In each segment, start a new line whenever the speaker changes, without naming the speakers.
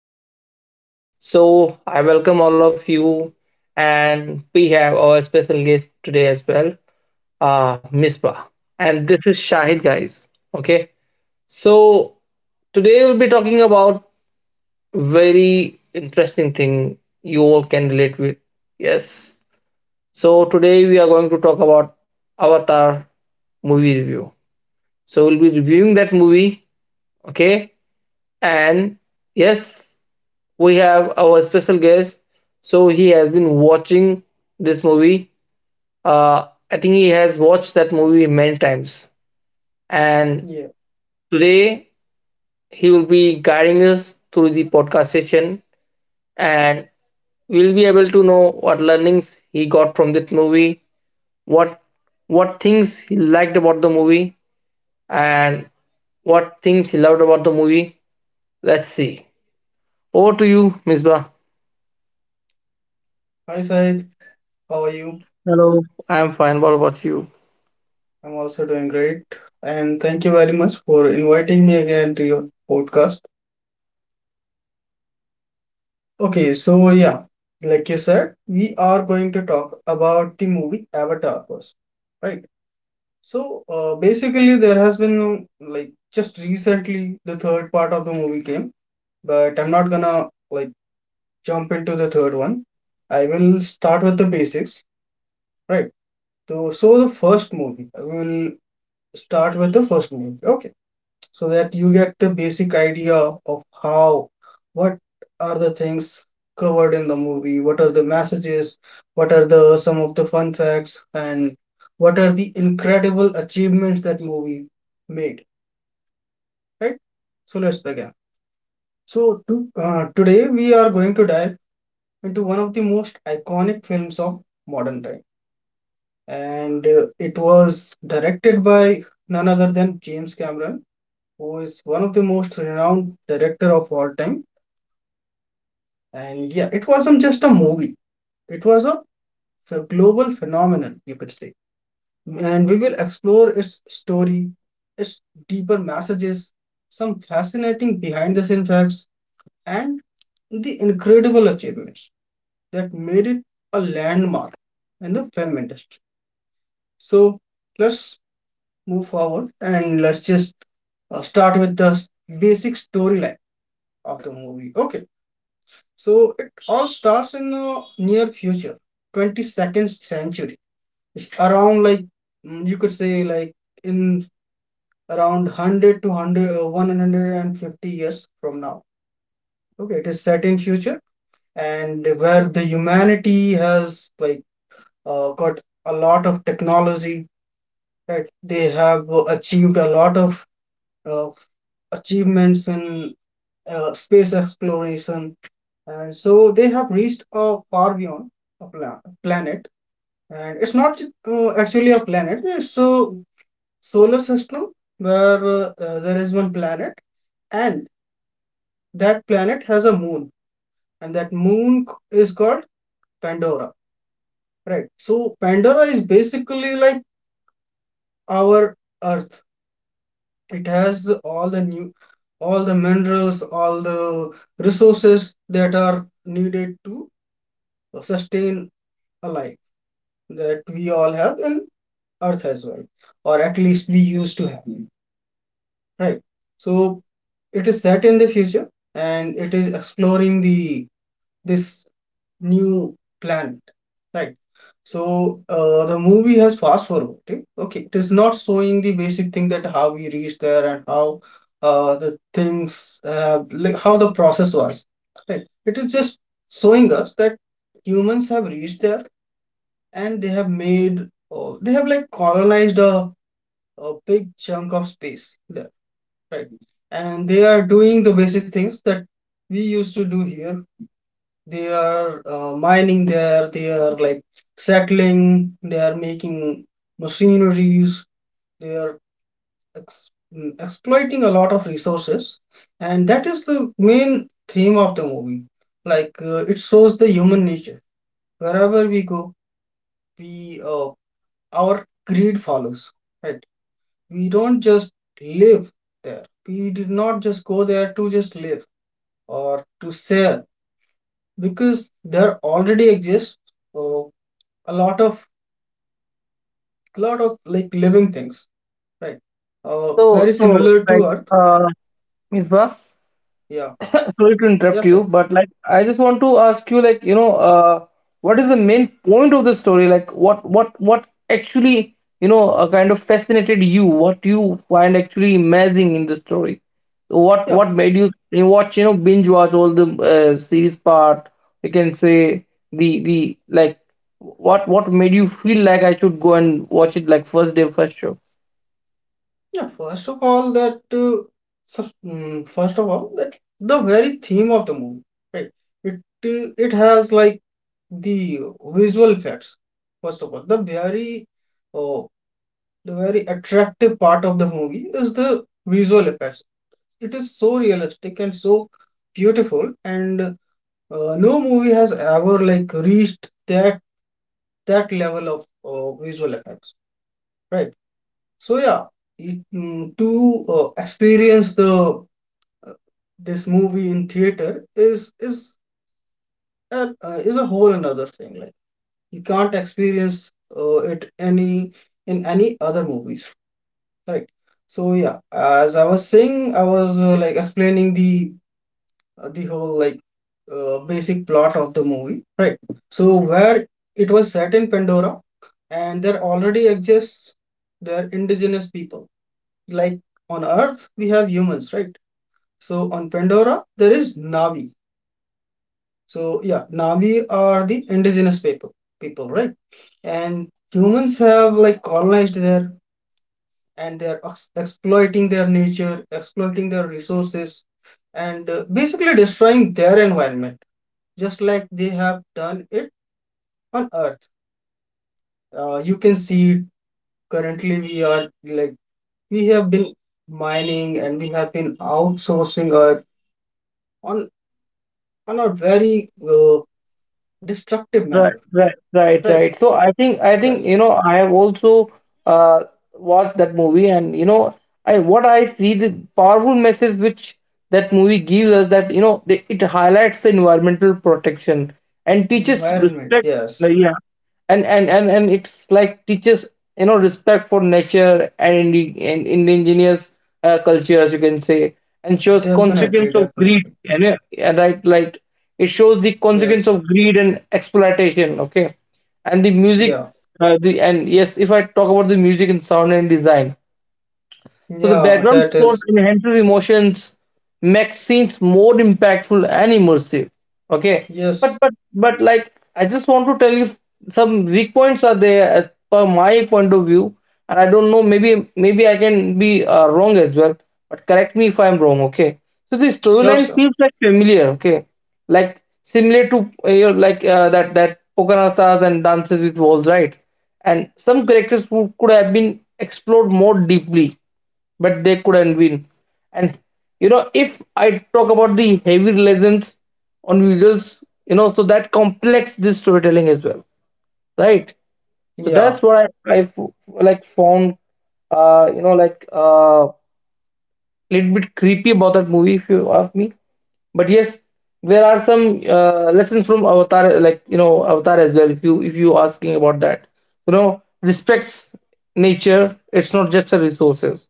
Podcast again. So, I welcome all of you, and we have our special guest today as well, Misbah. And this is Shahid, guys. Okay. So, today we'll be talking about very interesting thing you all can relate with. Yes. So, today we are going to talk about Avatar movie review. So, we'll be reviewing that movie. Okay. And yes, we have our special guest. So he has been watching this movie. I think he has watched that movie many times. And
Yeah.
today he will be guiding us through the podcast session, and we'll be able to know what learnings he got from that movie, what what things he liked about the movie, and what things he loved about the movie. Let's see. Over to you, Misbah.
Hi, Sahid. How are you?
Hello. I'm fine. What about you?
I'm also doing great. And thank you very much for inviting me again to your podcast. Okay, so yeah, like you said, we are going to talk about the movie Avatar first, right? So basically, there has been like just recently the third part of the movie came, but I'm not gonna like jump into the third one. I will start with the basics, right? So the first movie, I will start with the first movie. Okay, so that you get the basic idea of how what are the things covered in the movie, what are the messages, what are the some of the fun facts, and what are the incredible achievements that movie made, right? So let's begin. Today we are going to dive into one of the most iconic films of modern time, and it was directed by none other than James Cameron, who is one of the most renowned director of all time. And yeah, it wasn't just a movie, it was a global phenomenon, you could say. And we will explore its story, its deeper messages, some fascinating behind the scenes facts, and the incredible achievements that made it a landmark in the film industry. So let's move forward, and let's just start with the s- basic storyline of the movie. Okay. So it all starts in the near future, 22nd century. It's around like you could say like in around 100 to 100, 150 years from now. Okay, it is set in future, and where the humanity has like got a lot of technology. Right, they have achieved a lot of uh, achievements in space exploration, and so they have reached far beyond a planet. And it's not actually a planet, it's a solar system where there is one planet, and that planet has a moon, and that moon is called Pandora, right? So Pandora is basically like our Earth. It has all the new, all the minerals, all the resources that are needed to sustain a life that we all have in Earth as well, or at least we used to have, right? So it is set in the future and it is exploring the this new planet, right? So the movie has fast forward it. Okay, it is not showing the basic thing that how we reached there, and how the things, like how the process was, right? It is just showing us that humans have reached there, and they have made they have like colonized a big chunk of space there. Right. And they are doing the basic things that we used to do here. They are mining there, they are like settling, they are making machineries, they are exploiting a lot of resources. And that is the main theme of the movie. Like it shows the human nature. Wherever we go, we our greed follows. Right. We don't just live there. We did not just go there to just live, or to sell, because there already exists uh, a lot of like living things, right?
So,
Very
so
similar to
like,
Earth.
uh, Misbah,
Yeah.
sorry to interrupt
yes I
you, but like, I just want to ask you, like, you know, what is the main point of the story? Like, what actually, you know, kind of fascinated you? What you find actually amazing in the story?
Yeah.
What made you watch, you know, binge watch all the series part? We can say the, the like, what made you feel like I should go and watch it like first day, first show?
Yeah First of all that first of all that the very theme of the movie, right? It it has like the visual effects. First of all, uh, the very attractive part of the movie is the visual effects. It is so realistic and so beautiful, and no movie has ever like reached that level of visual effects, right? So yeah, it, mm, to experience the uh, this movie in theater is is a whole another thing. Like you can't experience it any in any other movies, right? So yeah, as I was saying, I was like explaining the whole like basic plot of the movie, right? So where it was set in Pandora, and there already exists their indigenous people. Like on Earth, we have humans, right? So on Pandora, there is Navi. So yeah, Navi are the indigenous people, right? And humans have like colonized there, and they're exploiting their nature, exploiting their resources, and basically destroying their environment, just like they have done it on Earth. You can see currently we are like we have been mining, and we have been outsourcing Earth on on a very destructive
Right,
manner,
right, right,
right?
right. So I think
Yes,
you know I have also uh, watched that movie, and you know I what I see the powerful message which that movie gives us that you know it highlights the environmental protection and teaches
environment.
respect.
Yes,
Like, yeah, and it's like teaches you know respect for nature and in the and indigenous culture as you can say, and shows
definitely,
consequence of greed
definitely.
and yeah, right, like it shows the consequence
Yes,
of greed and exploitation. Okay. And the music,
yeah,
the and yes, if I talk about the music and sound and design, so the
yeah.
background
That
scores
is
enhances emotions, makes scenes more impactful and immersive. Okay, but
yes,
like I just want to tell you some weak points are there as per my point of view, and I don't know, maybe I can be wrong as well. But correct me if I'm wrong. Okay, so the
sure,
storyline
sir.
feels like familiar. Okay, like similar to that Pocahontas and Dances with Wolves, right? And some characters who could have been explored more deeply, but they couldn't win. And you know, if I talk about the heavy reliance on visuals, you know, so that complex this storytelling as well, right? So
Yeah,
that's what I found, you know, like, little bit creepy about that movie, if you ask me. But yes, there are some lessons from Avatar, like you know Avatar as well. If you asking about that, you know respects nature. It's not just a resources,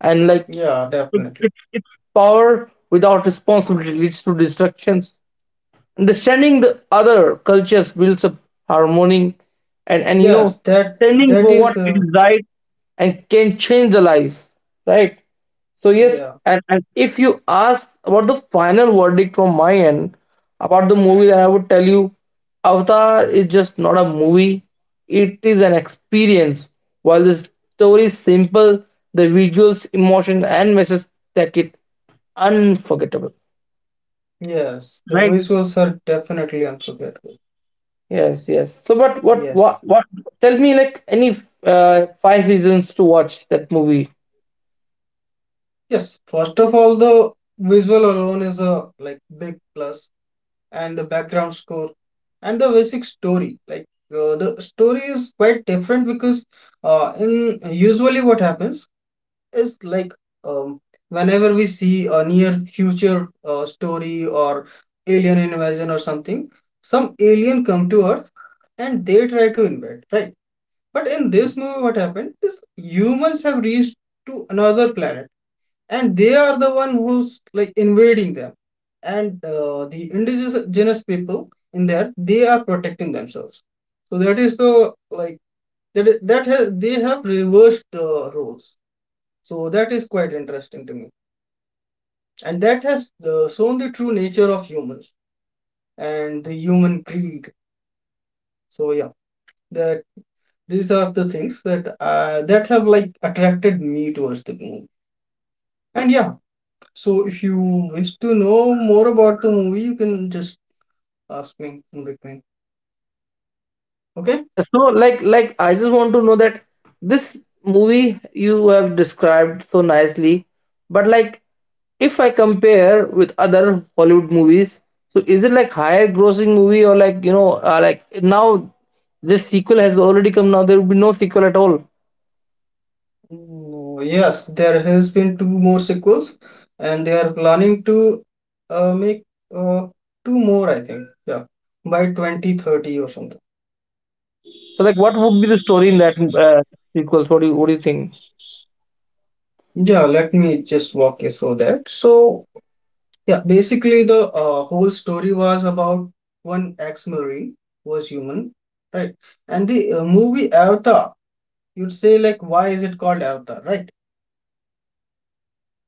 and like
yeah, definitely.
it's power without responsibility leads to destructions, understanding the other cultures builds up harmony, and you know
Yes, that
standing
that
for what
is
is
the
right and can change the lives, right? So yes,
yeah.
and if you ask about the final verdict from my end about the movie, then I would tell you Avatar is just not a movie, it is an experience. While the story is simple, the visuals, emotions and messages that it unforgettable,
Yes, the
right?
visuals are definitely unforgettable.
Yes, yes. So,
Yes.
what? Tell me, like, any five reasons to watch that movie.
Yes. First of all, the visual alone is a like big plus, and the background score, and the basic story. Like the story is quite different because in usually what happens is like um, whenever we see a near future story or alien invasion or something, some alien come to Earth and they try to invade, right? But in this movie, what happened is humans have reached to another planet, and they are the one who's like invading them, and the indigenous people in there, they are protecting themselves. So that is the like that I- that has they have reversed the roles. So that is quite interesting to me, and that has shown the true nature of humans and the human greed. So yeah, that these are the things that have like attracted me towards the movie. And yeah, so if you wish to know more about the movie, you can just ask me in between. Okay?
Yeah. So, I just want to know that this movie you have described so nicely, but like, if I compare with other Hollywood movies, so is it like higher grossing movie or like you know, like now this sequel has already come. Now there will be no sequel at all.
Yes, there has been two more sequels, and they are planning to make uh, two more, I think. Yeah, by 2030 or something.
So, like, what would be the story in that sequel? What do you think?
Yeah, let me just walk you through that. So yeah, basically the whole story was about one ex-marine who was human, right? And the movie Avatar, you'd say like, why is it called Avatar, right?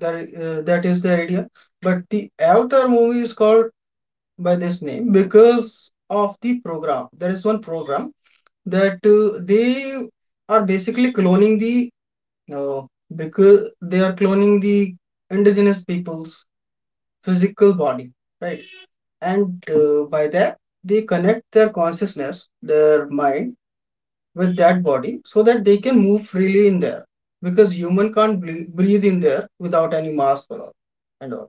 That is the idea. But the Avatar movie is called by this name because of the program. There is one program that they are basically cloning the uh, because they are cloning the indigenous people's physical body, right? And by that, they connect their consciousness, their mind with that body, so that they can move freely in there, because human can't breathe in there without any mask or all and all.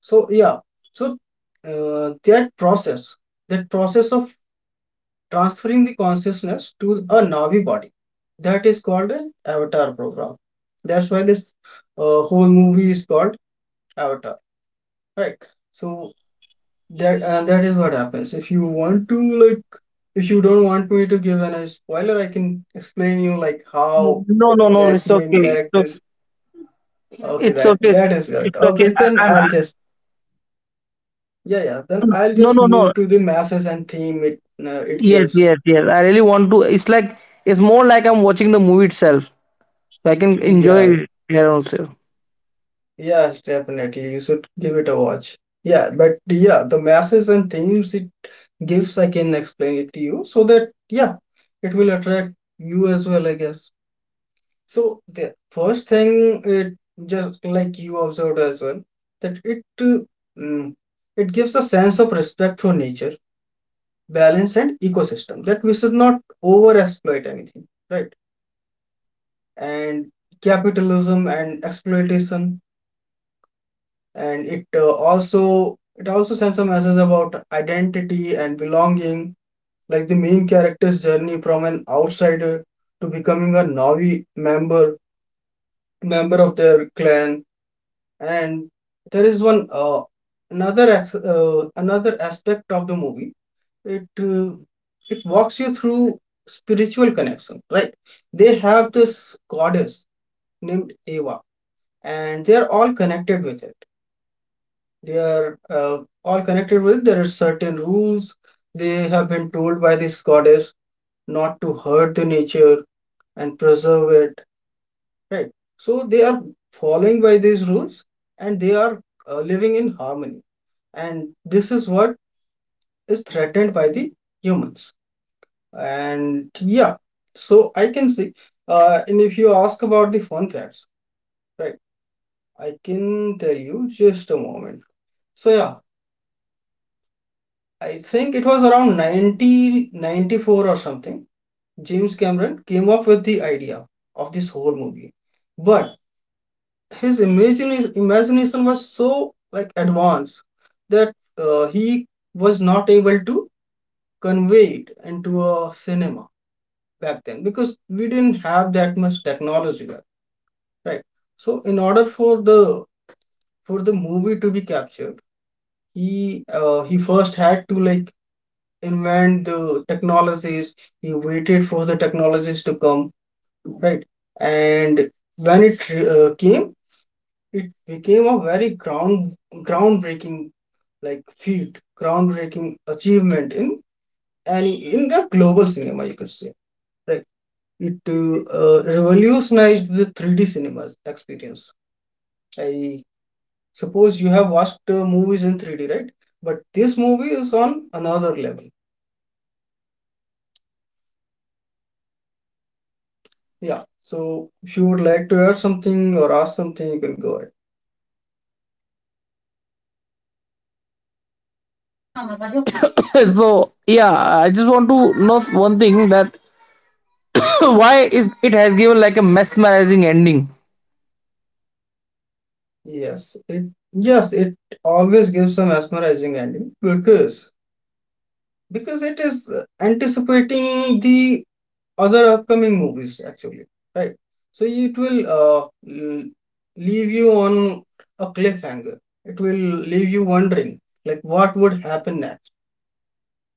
So yeah, so uh, that process, that process of transferring the consciousness to a Navi body, that is called an avatar program. That's why this whole movie is called Avatar, right? So that, and that is what happens. If you want to like, if you don't want me to give any spoiler, I can explain you like how
No, no, no.
that
It's
main
okay. It's
character.
okay.
Okay,
It's
that
okay.
that is good.
It's okay.
Okay, then I'll just yeah, yeah.
No,
Then
no,
I'll
no,
just
no, no.
move to the masses and theme it it
Yes,
gives.
yes, yes. I really want to. It's like it's more like I'm watching the movie itself, so I can enjoy
Yeah,
it here also.
yeah, definitely. You should give it a watch. Yeah, but yeah, the masses and themes it gives, I can explain it to you, so that yeah, it will attract you as well, I guess. So the first thing it, just like you observed as well, that it mm, it gives a sense of respect for nature, balance and ecosystem, that we should not over exploit anything, right? And capitalism and exploitation. And it also it also sends a message about identity and belonging, like the main character's journey from an outsider to becoming a Navi member of their clan. And there is one another aspect of the movie. It it walks you through spiritual connection, right? They have this goddess named Eva, and they are all connected with it. They are all connected with. There are certain rules they have been told by this goddess, not to hurt the nature and preserve it, right? So they are following by these rules, and they are living in harmony. And this is what is threatened by the humans. And yeah, so I can see. And if you ask about the fun facts, right? I can tell you, just a moment. So yeah, I think it was around 1994 or something. James Cameron came up with the idea of this whole movie, but his imagination was so like advanced that he was not able to convey it into a cinema back then, because we didn't have that much technology back, right? So in order for the movie to be captured, he first had to, like, invent the technologies. He waited for the technologies to come, right? And when it came, it became a very ground groundbreaking like feat groundbreaking achievement in any in the global cinema, you could say, right? It revolutionized the 3D cinema experience. I suppose you have watched movies in 3D, right? But this movie is on another level. Yeah. So if you would like to add something or ask something, you can go ahead.
So yeah, I just want to know one thing that why is it has given like a mesmerizing ending.
Yes. It yes, it always gives a mesmerizing ending because it is anticipating the other upcoming movies, actually, right? So it will leave you on a cliffhanger. It will leave you wondering like what would happen next.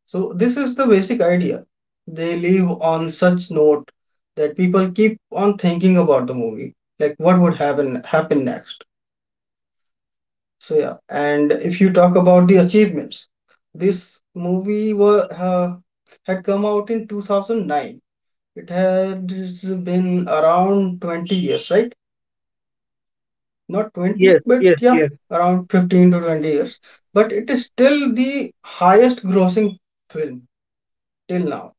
So this is the basic idea. They leave on such note that people keep on thinking about the movie, like what would happen next. So yeah, and if you talk about the achievements, this movie was had come out in 2009. It had been around 20 years, right? Not 20,
Yes,
but
yes,
yeah,
yes.
around 15 to 20 years. But it is still the highest grossing film till now,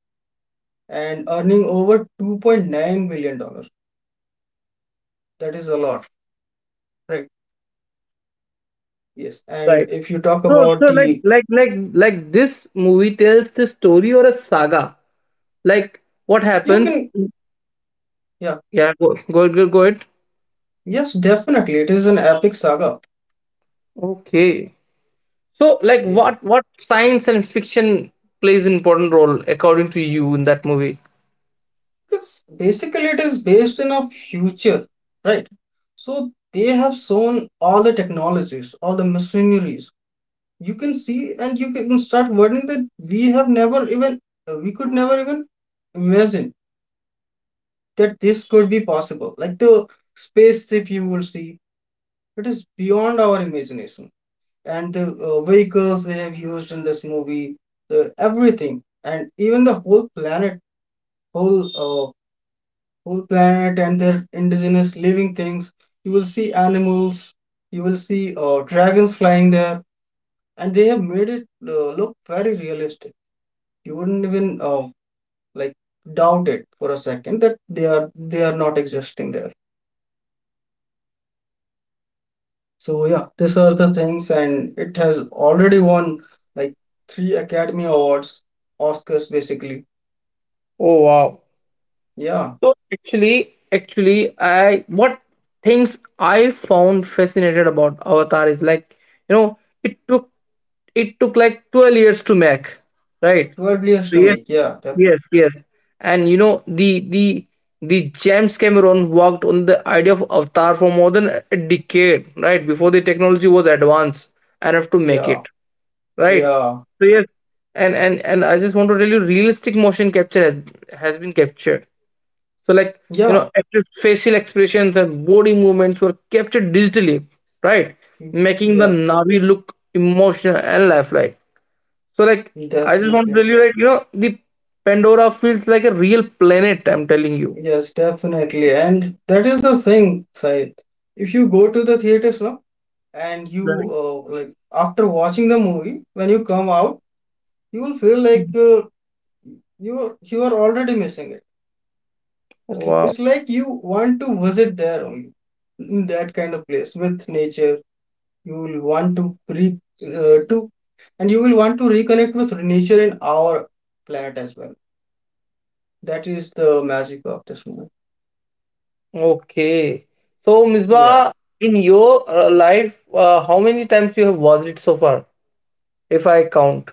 and earning over 2.9 billion dollars. That is a lot, right? Yes. And
Right.
if you talk
So,
about the,
like this movie tells the story or a saga. Like, what
you
happens?
can, yeah,
Yeah, go ahead.
yes, definitely, it is an epic saga.
Okay. So, like,
Yeah,
what science and fiction plays important role according to you in that movie?
because basically it is based in a future, right? So they have shown all the technologies, all the machineries. You can see and you can start wondering that we have never even, we could never even imagine that this could be possible. Like the spaceship you will see. It is beyond our imagination. And the vehicles they have used in this movie, the everything, and even the whole planet, whole uh, whole planet and their indigenous living things. You will see animals. You will see dragons flying there, and they have made it look very realistic. You wouldn't even like doubt it for a second that they are not existing there. So yeah, these are the things, and it has already won, like, three Academy Awards, Oscars basically.
Oh wow.
Yeah,
So I what things I found fascinated about Avatar is like you know it took like 12 years to make, right?
12 years to
Yes,
make. Yeah, definitely.
yes, yes. And you know the James Cameron worked on the idea of Avatar for more than a decade, right? Before the technology was advanced enough to make
Yeah,
it, right?
yeah,
So yes, and I just want to tell you, realistic motion capture has been captured so, like, you
yeah,
know, actors' facial expressions and body movements were captured digitally, right?
mm,
Making the
yeah,
Navi look emotional and lifelike. So, like, I just want to
definitely.
tell you, right, you know, the Pandora feels like a real planet, I'm telling you.
Yes, definitely. And that is the thing, Said. If you go to the theaters now and you
Right.
after watching the movie, when you come out, you will feel like you are already missing it. It-
Wow.
It's like you want to visit there only, in that kind of place with nature. You will want to re to and you will want to reconnect with nature and our planet as well. That is the magic of this movie.
Okay. So,
Yeah,
Misbah, in your life, how many times you have watched it so far, if I count?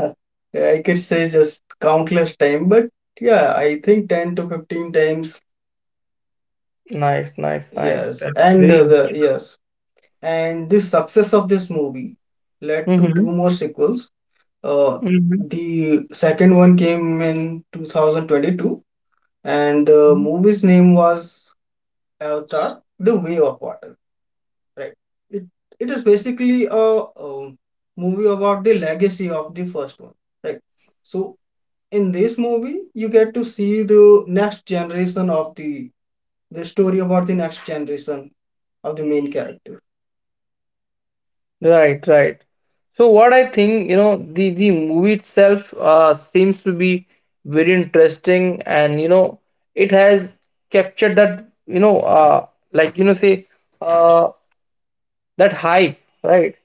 uh, I could say just countless time, but yeah, I think 10 to 15 times.
Nice, nice, nice.
Yes,
That's
and
very
uh, the
unusual.
yes, and this success of this movie led to two
Mm-hmm.
more sequels. Uh,
Mm-hmm.
the second one came in 2022, and the movie's name was Avatar: The Way of Water. Right. It it is basically a, um movie about the legacy of the first one. Right. So in this movie, you get to see the story about the next generation of the main character.
Right, right. So what I think, you know, the movie itself seems to be very interesting, and you know, it has captured that, you know, like you know, say uh, that hype, right?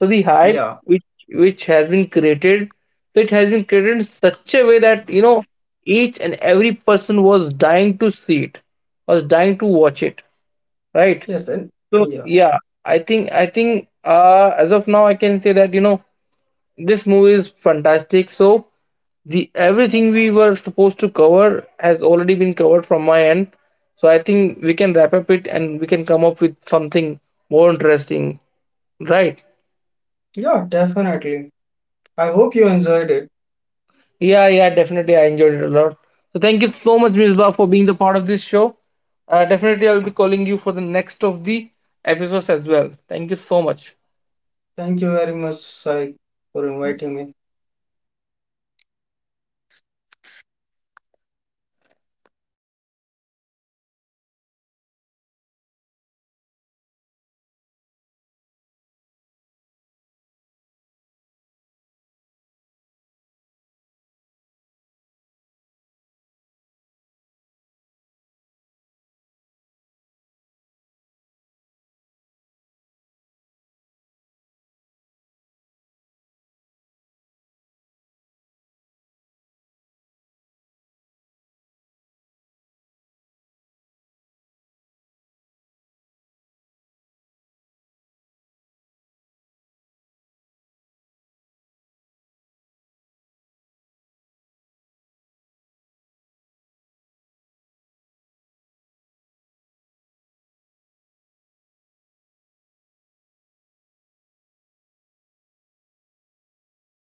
So the hype
Yeah.
which has been created, so it has been created in such a way that you know each and every person was dying to see it, was dying to watch it, right?
Yes. And
So
yeah.
yeah, I think as of now I can say that you know this movie is fantastic. So the everything we were supposed to cover has already been covered from my end. So I think we can wrap up it and we can come up with something more interesting, right?
Yeah. Definitely. I hope you enjoyed it.
Yeah, yeah, definitely I enjoyed it a lot. So thank you so much, Ms. Ba, for being the part of this show. Definitely I'll be calling you for the next of the episodes as well. Thank you so much.
Thank you very much, Sai, for inviting me.